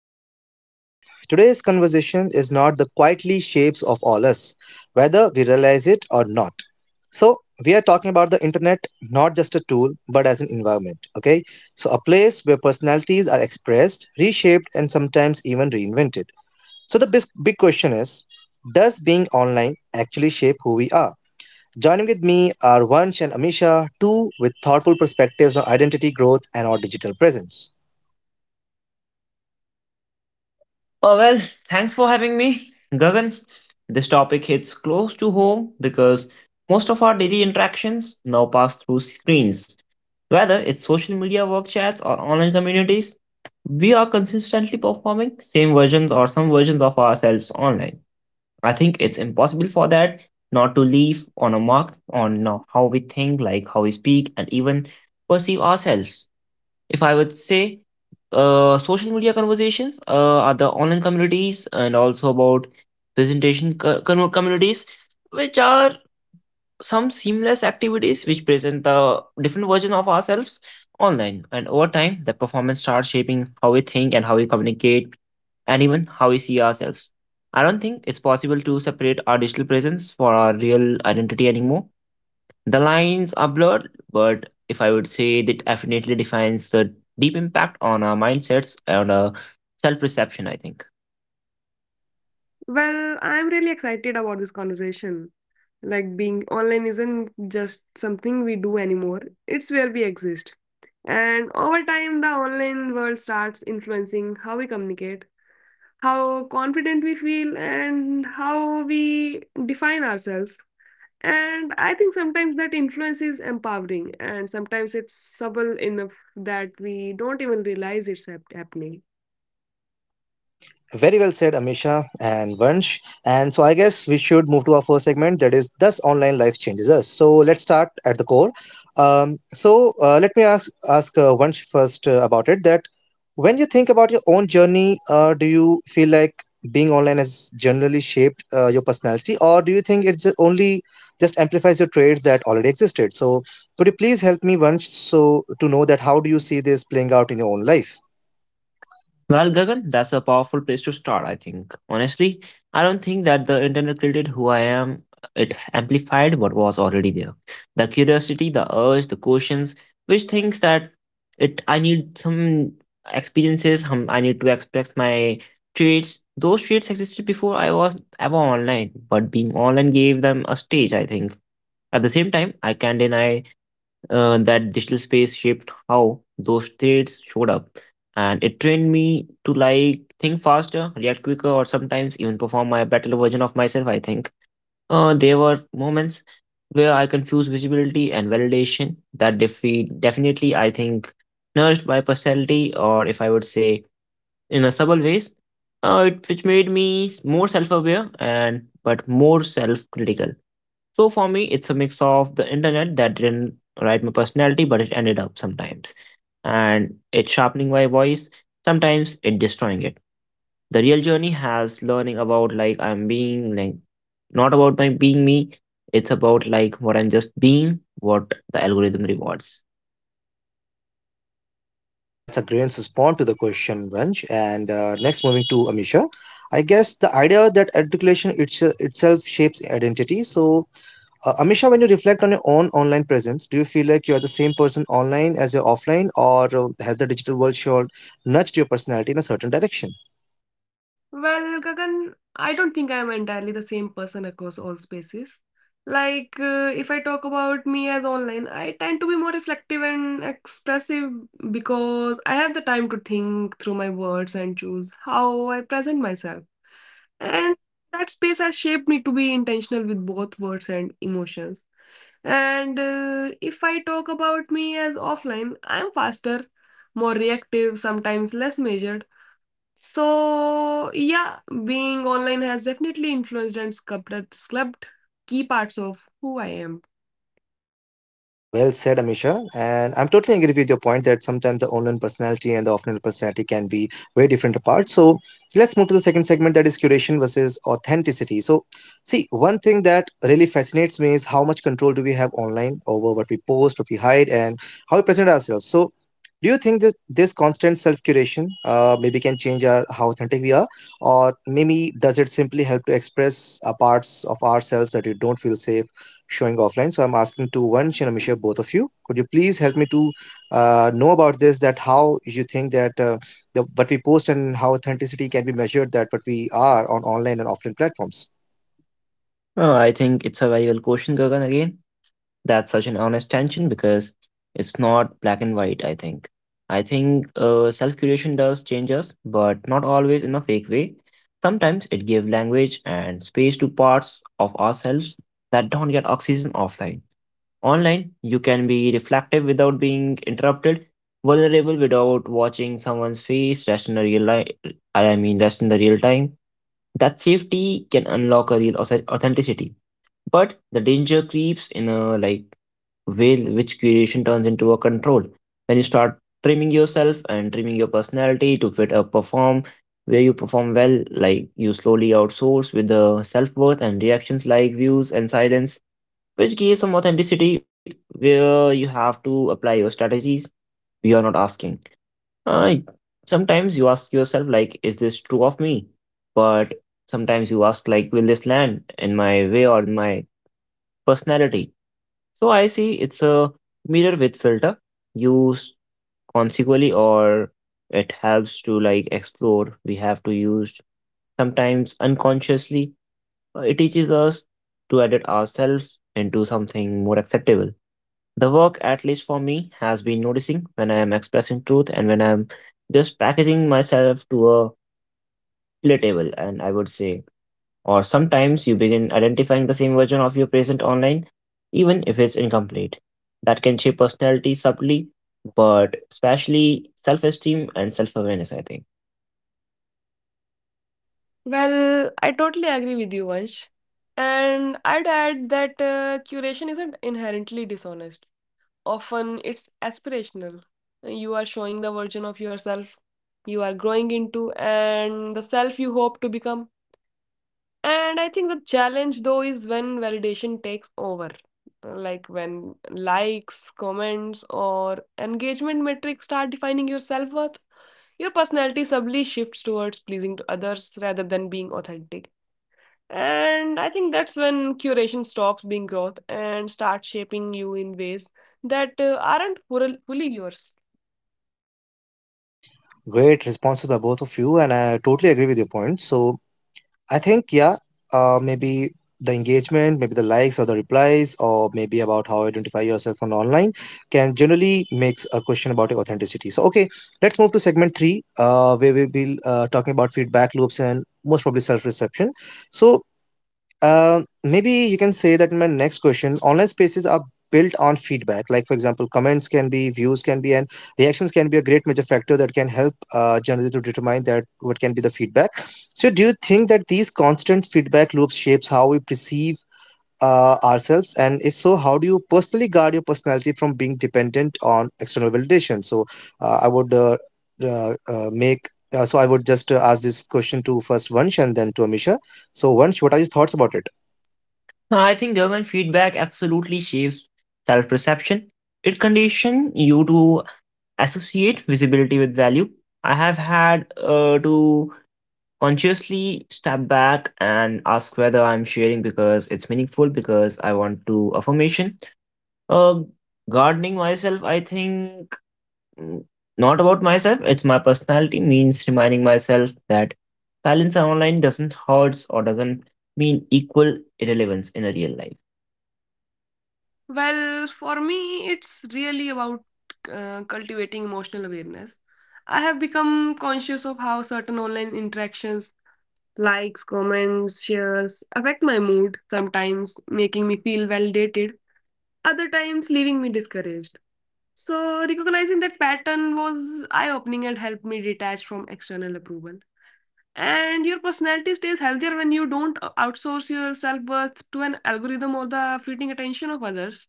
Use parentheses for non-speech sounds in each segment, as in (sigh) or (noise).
podcast, everyone. Today's conversation is not the quietly shapes of all us, whether we realize it or not. So, we are talking about the internet not just a tool but as an environment, okay? So, a place where personalities are expressed, reshaped, and sometimes even reinvented. So, the big, big question is, does being online actually shape who we are? Joining with me are Vansh and Amisha, two with thoughtful perspectives on identity growth and our digital presence. Oh, well, thanks for having me, Gagan. This topic hits close to home because most of our daily interactions now pass through screens. Whether it's social media work chats or online communities, we are consistently performing same versions or some versions of ourselves online. I think it's impossible for that not to leave on a mark on how we think, like how we speak, and even perceive ourselves. If I would say, social media conversations are the online communities and also about presentation communities, which are some seamless activities which present the different version of ourselves online. And over time, the performance starts shaping how we think and how we communicate and even how we see ourselves. I don't think it's possible to separate our digital presence for our real identity anymore, the lines are blurred, but if I would say that definitely defines the deep impact on our mindsets and our self perception, I think. Well, I'm really excited about this conversation. Like being online isn't just something we do anymore, it's where we exist. And over time, the online world starts influencing how we communicate, how confident we feel, and how we define ourselves. And I think sometimes that influence is empowering, and sometimes it's subtle enough that we don't even realize it's happening. Very well said, Amisha and Vansh. And so I guess we should move to our first segment, that is, Thus Online Life Changes Us. So let's start at the core. So let me ask Vansh first about it, that when you think about your own journey, do you feel like being online has generally shaped your personality, or do you think it just amplifies your traits that already existed? So could you please help me, Vansh, so to know that how do you see this playing out in your own life? Well, Gagan, that's a powerful place to start, I think. Honestly, I don't think that the internet created who I am. It amplified what was already there. The curiosity, the urge, the questions, which thinks that it I need some experiences, I need to express my traits. Those traits existed before I was ever online, but being online gave them a stage, I think. At the same time, I can't deny that digital space shaped how those traits showed up. And it trained me to like think faster, react quicker, or sometimes even perform my better version of myself. I think there were moments where I confused visibility and validation that defeat definitely I think nourished my personality, or if I would say in a subtle ways, which made me more self-aware and but more self-critical. So for me, it's a mix of the internet that didn't write my personality, but it ended up sometimes. And it's sharpening my voice, sometimes it destroying it. The real journey has learning about like I'm being like not about my being me. It's about like what I'm just being, what the algorithm rewards. Well, that's a great response to the question, Vansh. And next, moving to Amisha, I guess the idea that articulation itself shapes identity. So, Amisha, when you reflect on your own online presence, do you feel like you're the same person online as you're offline, or has the digital world sure nudged your personality in a certain direction? Well, Gagan, I don't think I'm entirely the same person across all spaces. Like, if I talk about me as online, I tend to be more reflective and expressive because I have the time to think through my words and choose how I present myself. And that space has shaped me to be intentional with both words and emotions. And if I talk about me as offline, I'm faster, more reactive, sometimes less measured. So yeah, being online has definitely influenced and sculpted key parts of who I am. Well said, Amisha. And I'm totally agree with your point that sometimes the online personality and the offline personality can be very different apart. So let's move to the second segment, that is curation versus authenticity. So, see, one thing that really fascinates me is how much control do we have online over what we post, what we hide, and how we present ourselves. So, do you think that this constant self curation maybe can change our, how authentic we are? Or maybe does it simply help to express parts of ourselves that you don't feel safe showing offline? So I'm asking to Vansh and Amisha, both of you, could you please help me to know about this, that how you think that the, what we post and how authenticity can be measured? That what we are on online and offline platforms. I think it's a very well question, Gagan, again. That's such an honest tension because it's not black and white, I think self-curation does change us, but not always in a fake way. Sometimes it gives language and space to parts of ourselves that don't get oxygen offline. Online you can be reflective without being interrupted, vulnerable without watching someone's face rest in the I mean rest in the real time. That safety can unlock a real authenticity, but the danger creeps in a like will which curation turns into a control. When you start trimming yourself and trimming your personality to fit a perform, where you perform well, like you slowly outsource with the self-worth and reactions like views and silence, which gives some authenticity where you have to apply your strategies. You are not asking, uh, sometimes you ask yourself like is this true of me, but sometimes you ask like will this land in my way or in my personality. So I see it's a mirror with filter. Use consequently or it helps to like explore. We have to use sometimes unconsciously. It teaches us to edit ourselves into something more acceptable. The work, at least for me, has been noticing when I am expressing truth and when I'm just packaging myself to a relatable, and I would say or sometimes you begin identifying the same version of your present online, even if it's incomplete. That can shape personality subtly, but especially self esteem and self awareness, I think. Well, I totally agree with you, Vansh. And I'd add that curation isn't inherently dishonest. Often it's aspirational. You are showing the version of yourself you are growing into and the self you hope to become. And I think the challenge though is when validation takes over, like when likes, comments, or engagement metrics start defining your self-worth, your personality subtly shifts towards pleasing to others rather than being authentic. And I think that's when curation stops being growth and starts shaping you in ways that aren't fully yours. Great responses by both of you, and I totally agree with your point. So I think, yeah, maybe the engagement, maybe the likes or the replies, or maybe about how identify yourself on online can generally makes a question about your authenticity. So, okay, let's move to segment three, where we will be talking about feedback loops and most probably self-reception. So, maybe you can say that my next question, online spaces are built on feedback, like for example comments can be, views can be, and reactions can be a great major factor that can help generally to determine that what can be the feedback. So do you think that these constant feedback loops shapes how we perceive ourselves, and if so, how do you personally guard your personality from being dependent on external validation? So I would make so I would just ask this question to first Vansh and then to Amisha. So Vansh, what are your thoughts about it? I think government feedback absolutely shapes self perception. It conditions you to associate visibility with value. I have had to consciously step back and ask whether I'm sharing because it's meaningful, because I want to affirmation. Uh, Gardening myself, I think, mm, not about myself. It's my personality means reminding myself that silence online doesn't hurt or doesn't mean equal irrelevance in a real life. Well, for me, it's really about cultivating emotional awareness. I have become conscious of how certain online interactions, likes, comments, shares, affect my mood, sometimes making me feel validated, other times leaving me discouraged. So, recognizing that pattern was eye opening and helped me detach from external approval. And your personality stays healthier when you don't outsource your self worth to an algorithm or the fleeting attention of others.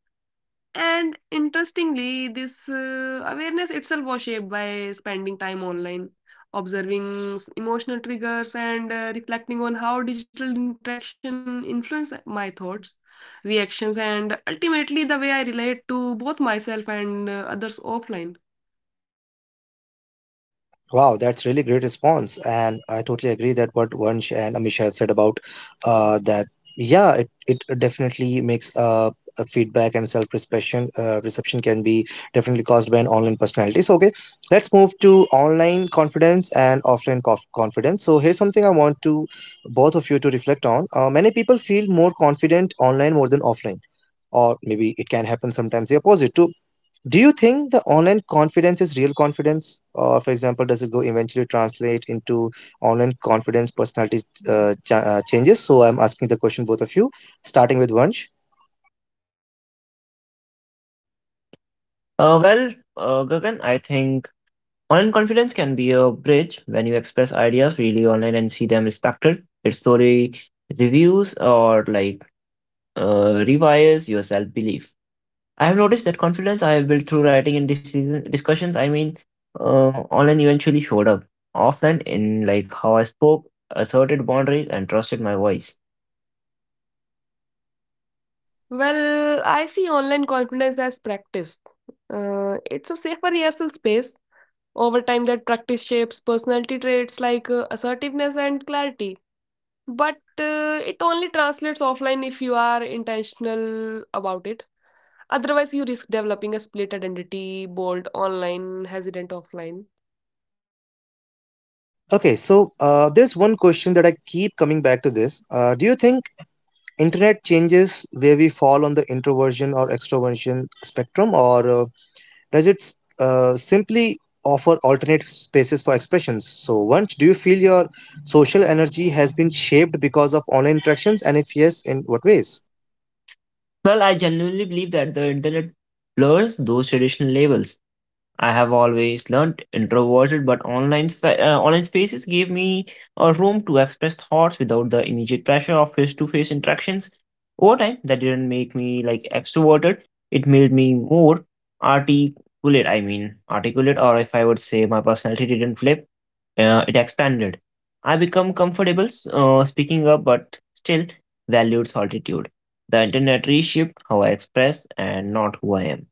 And interestingly, this awareness itself was shaped by spending time online, observing emotional triggers, and reflecting on how digital interaction influence my thoughts, reactions, and ultimately the way I relate to both myself and others offline. Wow, that's really great response, and I totally agree that what Vansh and Amisha have said about that. Yeah, it definitely makes a feedback and self-reception reception can be definitely caused by an online personality. So okay, let's move to online confidence and offline confidence. So here's something I want to both of you to reflect on. Many people feel more confident online more than offline. Or maybe it can happen sometimes the opposite too. Do you think the online confidence is real confidence? Or, for example, does it go eventually translate into online confidence personality changes? So, I'm asking the question both of you, starting with Vansh. Uh, well, Gagan, I think online confidence can be a bridge when you express ideas freely online and see them respected. It slowly reviews or like rewires your self belief. I have noticed that confidence I have built through writing and decision discussions, online eventually showed up. Offline, in like how I spoke, asserted boundaries, and trusted my voice. Well, I see online confidence as practice. It's a safer rehearsal space. Over time, that practice shapes personality traits like assertiveness and clarity. But it only translates offline if you are intentional about it. Otherwise, you risk developing a split identity, bold online, hesitant offline. Okay, so there's one question that I keep coming back to this. Do you think internet changes where we fall on the introversion or extroversion spectrum, or does it simply offer alternate spaces for expressions? So Vansh, do you feel your social energy has been shaped because of online interactions, and if yes, in what ways? Well, I genuinely believe that the internet blurs those traditional labels. I have always learned introverted, but online spaces gave me a room to express thoughts without the immediate pressure of face-to-face interactions. Over time, that didn't make me like extroverted. It made me more articulate. I mean, articulate, or if I would say my personality didn't flip, it expanded. I become comfortable speaking up, but still valued solitude. The internet reshaped how I express and not who I am.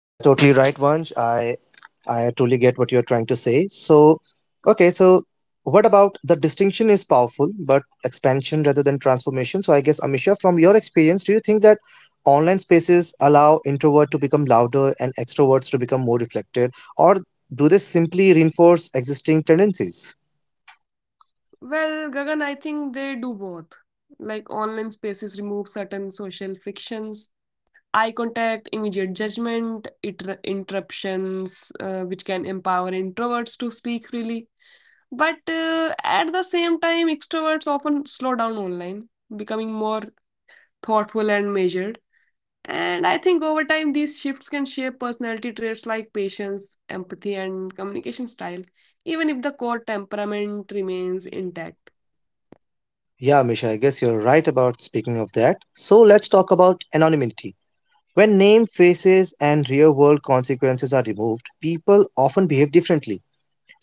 Yeah totally right, Vansh. I totally get what you're trying to say. So, okay, so what about the distinction is powerful, but expansion rather than transformation? So, I guess, Amisha, from your experience, do you think that online spaces allow introvert to become louder and extroverts to become more reflected, or do they simply reinforce existing tendencies? Well, Gagan, I think they do both. Like online spaces remove certain social frictions, eye contact, immediate judgment, interruptions, which can empower introverts to speak freely. But at the same time, extroverts often slow down online, becoming more thoughtful and measured. And I think over time, these shifts can shape personality traits like patience, empathy, and communication style, even if the core temperament remains intact. Yeah, Amisha, I guess you're right about speaking of that. So, let's talk about anonymity. When name, faces, and real world consequences are removed, people often behave differently.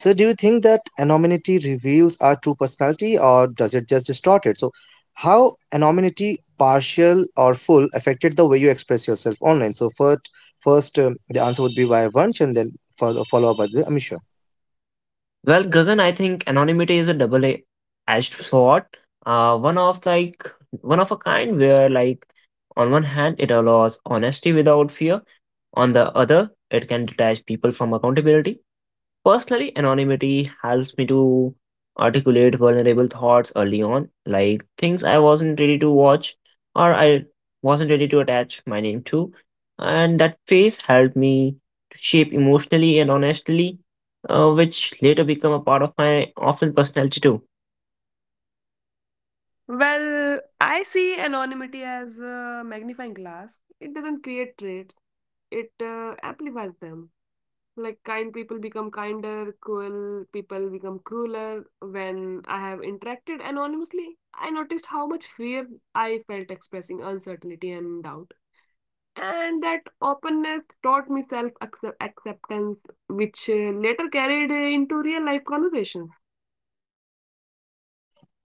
So, do you think that anonymity reveals our true personality, or does it just distort it? So, how anonymity, partial or full, affected the way you express yourself online? So, first the answer would be by Vansh and then follow up by the Amisha. Well, Gagan, I think anonymity is a double-edged sword. Uh, one of like One of a kind where like on one hand it allows honesty without fear, on the other it can detach people from accountability. Personally, anonymity helps me to articulate vulnerable thoughts early on, like things I wasn't ready to watch, or I wasn't ready to attach my name to. And that phase helped me to shape emotionally and honestly, which later become a part of my offline personality too. Well, I see anonymity as a magnifying glass. It doesn't create traits, it amplifies them. Like kind people become kinder, cruel people become crueler. When I have interacted anonymously, I noticed how much fear I felt expressing uncertainty and doubt, and that openness taught me self acceptance, which later carried into real life conversations.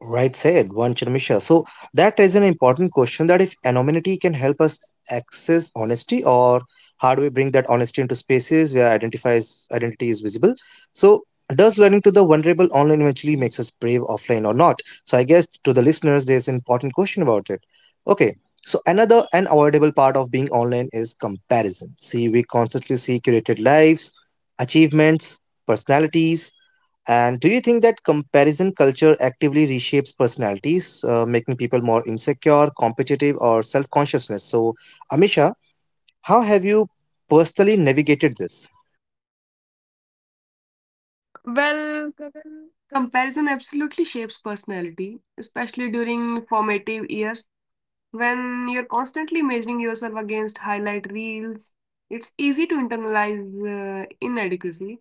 Right said, one Chandramisha. So that is an important question, that if anonymity can help us access honesty, or how do we bring that honesty into spaces where identifies identity is visible? So does learning to the vulnerable online eventually makes us brave offline or not? So I guess to the listeners, there's an important question about it. Okay. So another unavoidable part of being online is comparison. See, we constantly see curated lives, achievements, personalities, and do you think that comparison culture actively reshapes personalities, making people more insecure, competitive, or self consciousness? So, Amisha, how have you personally navigated this? Well, Gagan, comparison absolutely shapes personality, especially during formative years when you're constantly measuring yourself against highlight reels. It's easy to internalize inadequacy.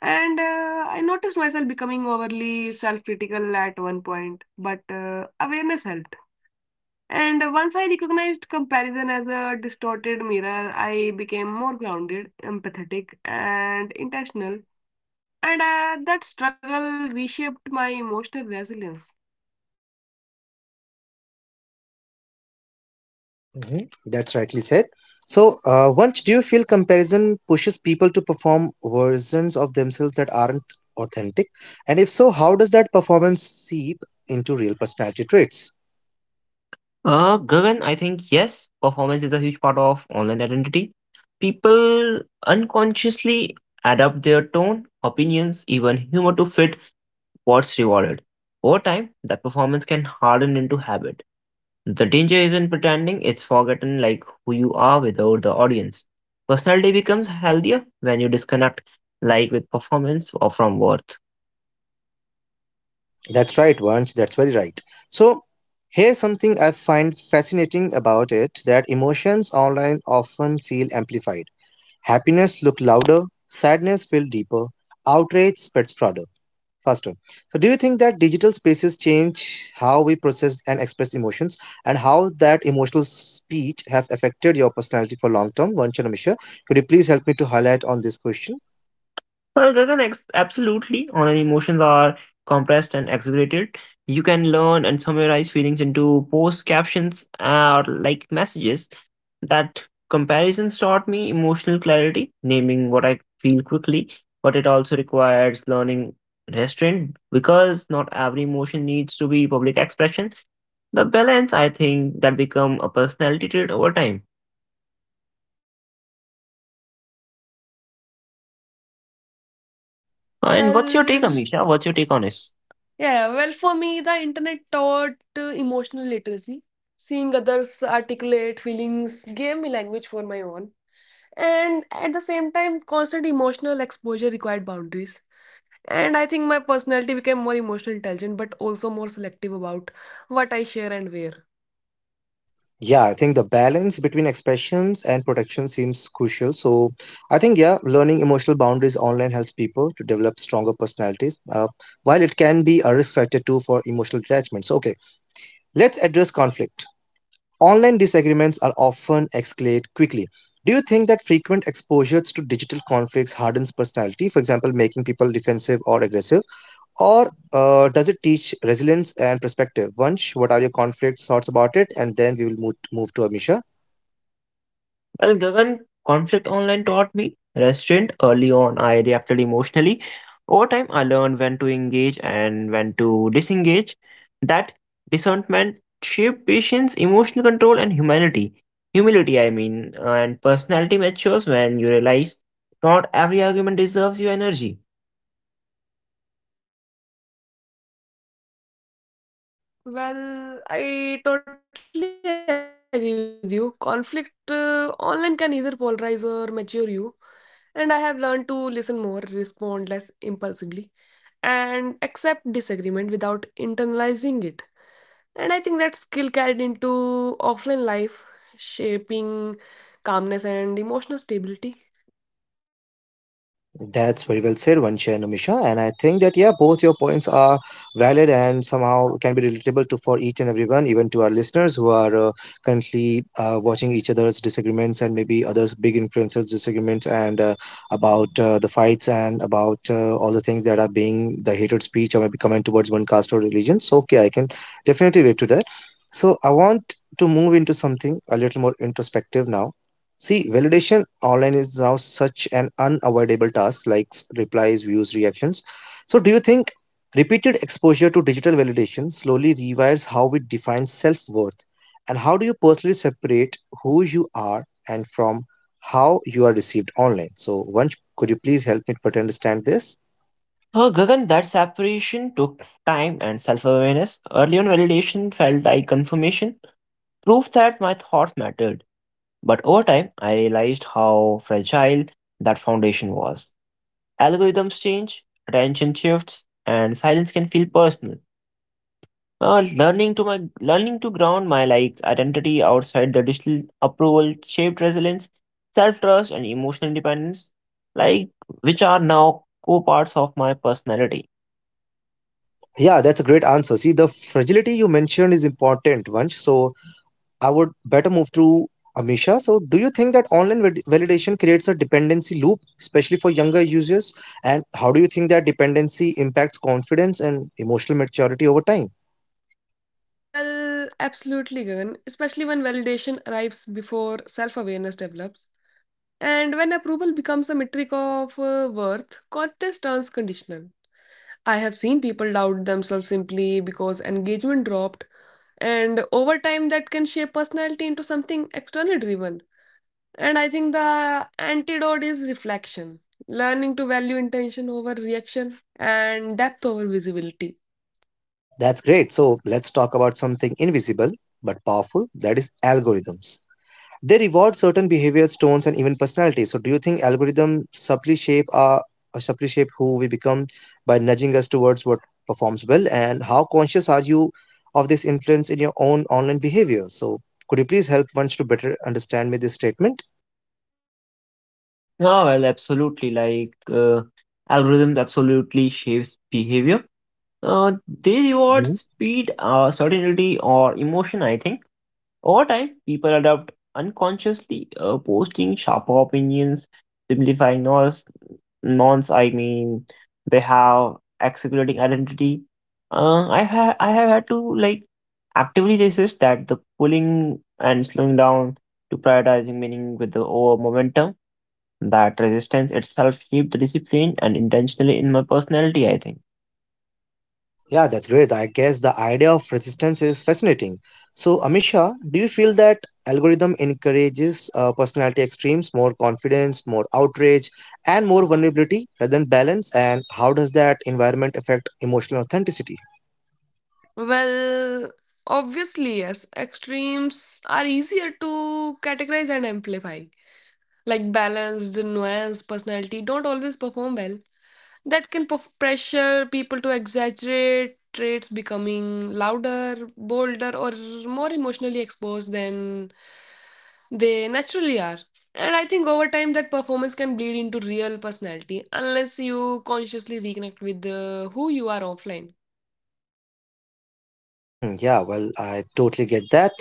And I noticed myself becoming overly self critical at one point, but awareness helped. And once I recognized comparison as a distorted mirror, I became more grounded, empathetic, and intentional. And that struggle reshaped my emotional resilience. Hmm. That's rightly said. So, once do you feel comparison pushes people to perform versions of themselves that aren't authentic? And if so, how does that performance seep into real personality traits? Gagan, I think yes, performance is a huge part of online identity. People unconsciously adapt their tone, opinions, even humor to fit what's rewarded. Over time, that performance can harden into habit. The danger isn't pretending, it's forgotten like who you are without the audience. Personality becomes healthier when you disconnect like with performance or from worth. That's right, Vansh. That's very right. So, here's something I find fascinating about it, that emotions online often feel amplified. Happiness look louder, sadness feel deeper, outrage spreads farther, faster. So, do you think that digital spaces change how we process and express emotions, and how that emotional speech have affected your personality for long term? Vansh and Amisha, could you please help me to highlight on this question? Well, Gagan, absolutely. Online emotions are compressed and exaggerated. You can learn and summarize feelings into post captions or like messages. That comparisons taught me emotional clarity, naming what I feel quickly, but it also requires learning restraint because not every emotion needs to be public expression. The balance, I think, that become a personality trait over time. And what's your Well, take, Amisha? What's your take on it? yeah, well, for me, the internet taught emotional literacy. Seeing others articulate feelings gave me language for my own. And at the same time, constant emotional exposure required boundaries. And I think my personality became more emotional intelligent, but also more selective about what I share and where. Yeah, I think the balance between expressions and protection seems crucial. So, I think, yeah, learning emotional boundaries online helps people to develop stronger personalities, while it can be a risk factor too for emotional attachments. Okay, let's address conflict. Online disagreements are often escalate quickly. Do you think that frequent exposure to digital conflicts hardens personality, for example, making people defensive or aggressive? Or does it teach resilience and perspective? Vansh, what are your conflict thoughts about it? And then we will move to Amisha. Well, Gagan, conflict online taught me restraint early on. I reacted emotionally. Over time, I learned when to engage and when to disengage. That discernment shaped patience, emotional control, and humanity. Humility, I mean, and personality matures when you realize not every argument deserves your energy. Well, I totally agree with you. Conflict online can either polarize or mature you. And I have learned to listen more, respond less impulsively, and accept disagreement without internalizing it. And I think that skill carried into offline life, shaping calmness and emotional stability. That's very well said, Vansha and Amisha. And I think that, yeah, both your points are valid and somehow can be relatable to for each and everyone, even to our listeners who are currently watching each other's disagreements and maybe others' big influencers' disagreements and about the fights and about all the things that are being the hatred speech or maybe comment towards one caste or religion. So, okay, I can definitely relate to that. So, I want to move into something a little more introspective now. See, validation online is now such an unavoidable task, likes, replies, views, reactions. So, do you think repeated exposure to digital validation slowly rewires how we define self worth? And how do you personally separate who you are and from how you are received online? So, Vansh, could you please help me but understand this? Oh, Gagan, that separation took time and self awareness. Early on, validation felt like confirmation, proof that my thoughts mattered. But over time, I realized how fragile that foundation was. Algorithms change, attention shifts, and silence can feel personal. Learning to ground my like identity outside the digital approval shaped resilience, self-trust, and emotional independence, like which are now core parts of my personality. Yeah, that's a great answer. See, the fragility you mentioned is important, Vansh. So, I would better move to Amisha. So, do you think that online validation creates a dependency loop, especially for younger users? And how do you think that dependency impacts confidence and emotional maturity over time? Well, absolutely, Gagan, especially when validation arrives before self awareness develops. And when approval becomes a metric of worth, contest turns conditional. I have seen people doubt themselves simply because engagement dropped, and over time, that can shape personality into something externally driven. And I think the antidote is reflection, learning to value intention over reaction and depth over visibility. That's great. So, let's talk about something invisible but powerful, that is algorithms. They reward certain behaviors, tones, and even personalities. So, do you think algorithms subtly shape our or subtly shape who we become by nudging us towards what performs well? And how conscious are you of this influence in your own online behavior? So, could you please help ones to better understand me this statement? Oh well, absolutely. Like algorithms absolutely shapes behavior. Uh, they reward Mhm. speed, certainty, or emotion, I think. Over time, people adopt unconsciously, posting sharper opinions, simplifying noise, nonce, I mean, they have accelerating identity. I have had to like actively resist that the pulling and slowing down to prioritizing meaning with the over momentum. That resistance itself shaped the discipline and intentionally in my personality, I think. Yeah, that's great. I guess the idea of resistance is fascinating. So, Amisha, do you feel that algorithm encourages personality extremes, more confidence, more outrage, and more vulnerability rather than balance? And how does that environment affect emotional authenticity? Well, obviously, yes. Extremes are easier to categorize and amplify. Like balanced, nuanced personality don't always perform well. That can pressure people to exaggerate traits becoming louder, bolder, or more emotionally exposed than they naturally are. And I think over time that performance can bleed into real personality unless you consciously reconnect with who you are offline. Hmm. Yeah, well, I totally get that.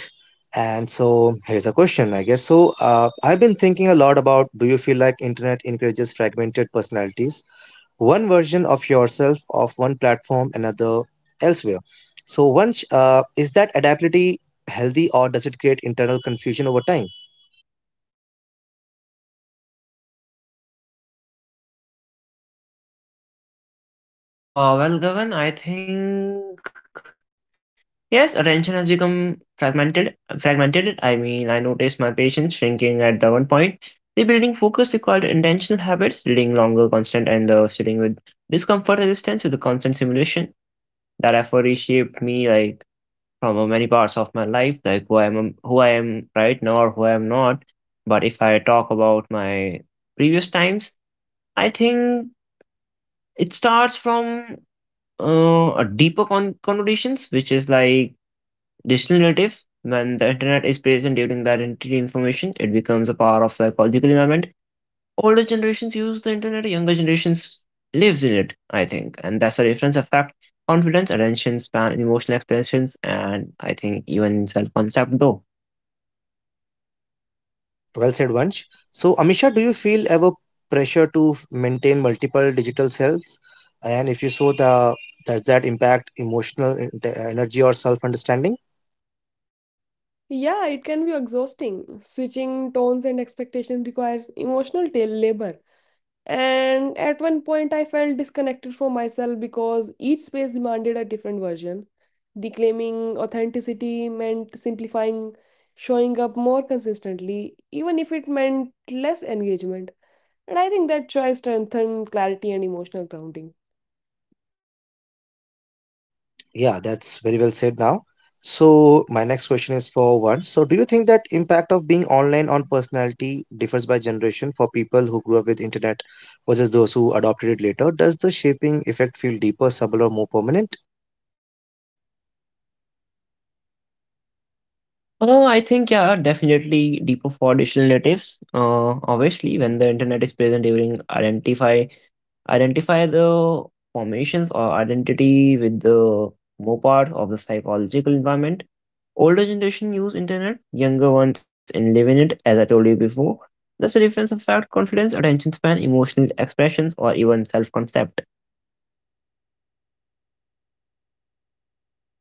And so here's a question, I guess. So I've been thinking a lot about, do you feel like internet encourages fragmented personalities? One version of yourself of one platform, another elsewhere. So once is that adaptability healthy, or does it create internal confusion over time? Well, Gagan, I think yes, attention has become fragmented. Fragmented, I mean, I noticed my patients shrinking at the one point. Rebuilding focus required intentional habits, reading longer, constant, and sitting with discomfort resistance with the constant simulation. That effort reshaped me, like from many parts of my life, like who I am right now, or who I am not. But if I talk about my previous times, I think it starts from a deeper connotations, which is like digital natives. When the internet is present during the identity information, it becomes a part of psychological environment. Older generations use the internet, younger generations lives in it, I think. And that's a reference effect, confidence, attention span, emotional expressions, and I think even self-concept though. Well said, Vansh. So Amisha, do you feel ever pressure to maintain multiple digital selves? And if you so, the does that impact emotional energy or self-understanding? Yeah, it can be exhausting. Switching tones and expectations requires emotional labor. And at one point, I felt disconnected from myself because each space demanded a different version. Declaiming authenticity meant simplifying, showing up more consistently, even if it meant less engagement. And I think that choice strengthened clarity and emotional grounding. Yeah, that's very well said now. So, my next question is for one. So, do you think that impact of being online on personality differs by generation for people who grew up with internet versus those who adopted it later? Does the shaping effect feel deeper, subtle, or more permanent? Oh, I think yeah, definitely deeper for digital natives. Obviously, when the internet is present during identify the formations or identity with the more part of the psychological environment. Older generation use internet, younger ones in living it, as I told you before. That's a difference of fact, confidence, attention span, emotional expressions, or even self-concept.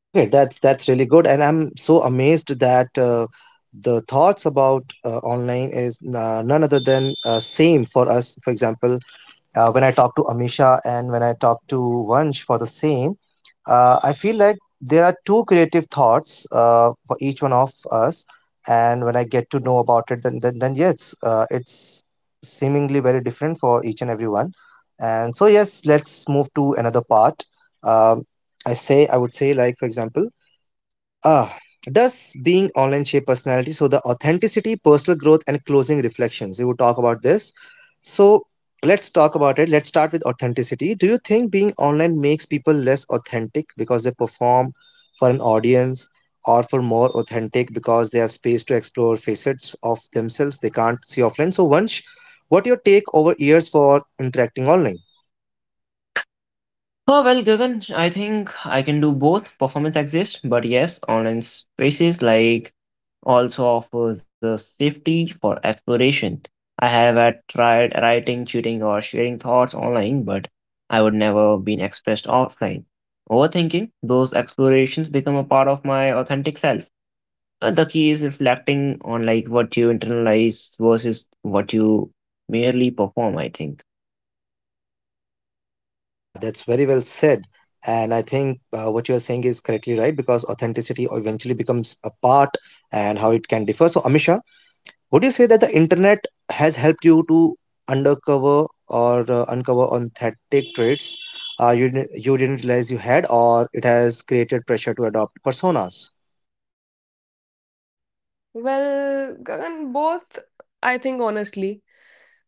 Okay, that's really good, and I'm so amazed that the thoughts about online is none other than same for us. For example, when I talk to Amisha and when I talk to Vansh for the same, I feel like there are two creative thoughts for each one of us. And when I get to know about it, then yes, it's seemingly very different for each and everyone. And so yes, let's move to another part. Um, I say I would say like for example, Ah, does being online shape personality? So the authenticity, personal growth, and closing reflections. We will talk about this. So let's talk about it. Let's start with authenticity. Do you think being online makes people less authentic because they perform for an audience, or for more authentic because they have space to explore facets of themselves they can't see offline? So Vansh, what your take over years for interacting online? Oh, well, Gagan, I think I can do both. Performance exists, but yes, online spaces like also offers a safety for exploration. I have tried writing, cheating, or sharing thoughts online, but I would never been expressed offline. Overthinking, those explorations become a part of my authentic self. The key is reflecting on like what you internalize versus what you merely perform, I think. Yeah, that's very well said. And I think what you are saying is correctly right, because authenticity eventually becomes a part, and how it can differ. So, Amisha, would you say that the internet has helped you to undercover, or uncover authentic traits you, you didn't realize you had, or it has created pressure to adopt personas? Well, Gagan, both, I think honestly.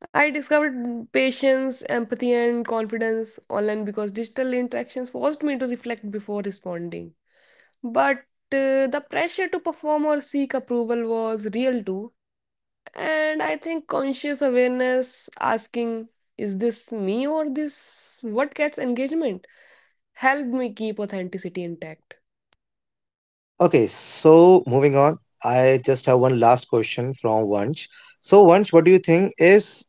I discovered patience, empathy, and confidence online because digital interactions forced me to reflect before responding. But the pressure to perform or seek approval was real too. And I think conscious awareness, asking, is this me or this what gets engagement, helped me keep authenticity intact. Okay, so moving on, I just have one last question from Vansh. So, Vansh, what do you think is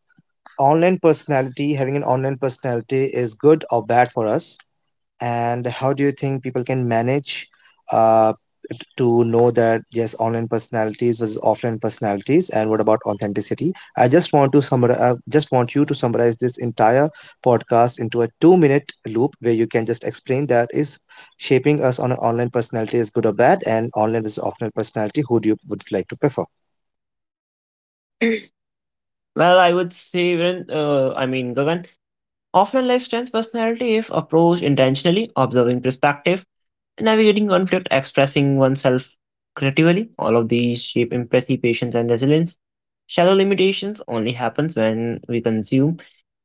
online personality? Having an online personality is good or bad for us? And how do you think people can manage uh, to know that yes, online personalities versus offline personalities? And what about authenticity? I just want to summarize. Just want you to summarize this entire podcast into a two-minute loop where you can just explain that is shaping us on an online personality is good or bad, and online versus offline personality. Who do you would like to prefer? (clears throat) Well, I would say, Gagan, often life strengthens personality if approached intentionally, observing perspective, and navigating conflict, expressing oneself creatively. All of these shape empathy, patience, and resilience. Shallow limitations only happens when we consume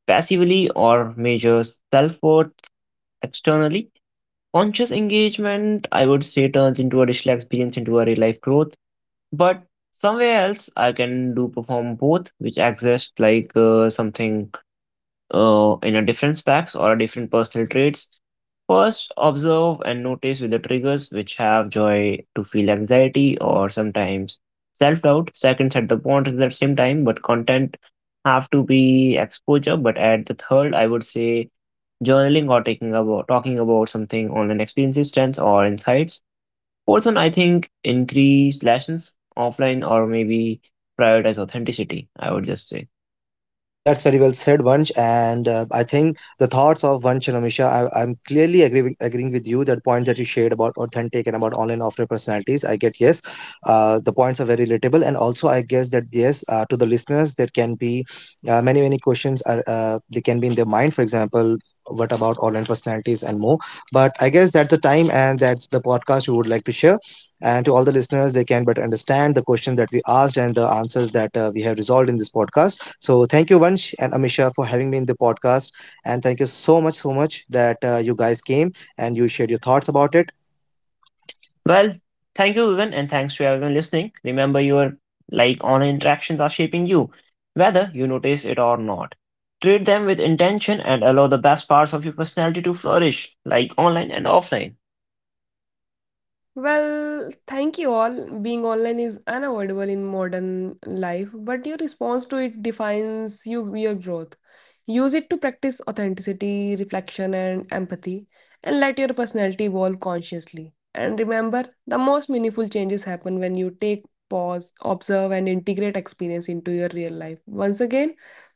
passively or measure self-worth externally. Conscious engagement, I would say, turns into a digital experience into a real-life growth. But somewhere else, I can do perform both, which exists like something in a different specs or a different personal traits. First, observe and notice with the triggers which have joy to feel anxiety or sometimes self doubt. Second, set the boundaries at the same time, but content have to be exposure. But at the third, I would say journaling or taking about talking about something online experiences, trends, or insights. Fourth one, I think increase lessons offline or maybe prioritize authenticity. I would just say. That's very well said, Vansh. And I think the thoughts of Vansh and Amisha, I'm clearly agreeing with you. That points that you shared about authentic and about online offline personalities, I get yes. The points are very relatable, and also I guess that yes, to the listeners, there can be many many questions are they can be in their mind. For example, what about online personalities and more. But I guess that's the time and that's the podcast we would like to share. And to all the listeners, they can better understand the question that we asked and the answers that we have resolved in this podcast. So thank you, Vansh and Amisha, for having me in the podcast. And thank you so much, so much that you guys came and you shared your thoughts about it. Well, thank you, Evan, and thanks to everyone listening. Remember, your like online interactions are shaping you, whether you notice it or not. Treat them with intention and allow the best parts of your personality to flourish, like online and offline. Well, thank you all. Being online is unavoidable in modern life, but your response to it defines you, your growth. Use it to practice authenticity, reflection, and empathy, and let your personality evolve consciously. And remember, the most meaningful changes happen when you take pause, observe, and integrate experience into your real life. Once again,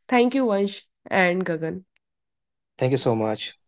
thank you, Vansh and Gagan. Thank you so much.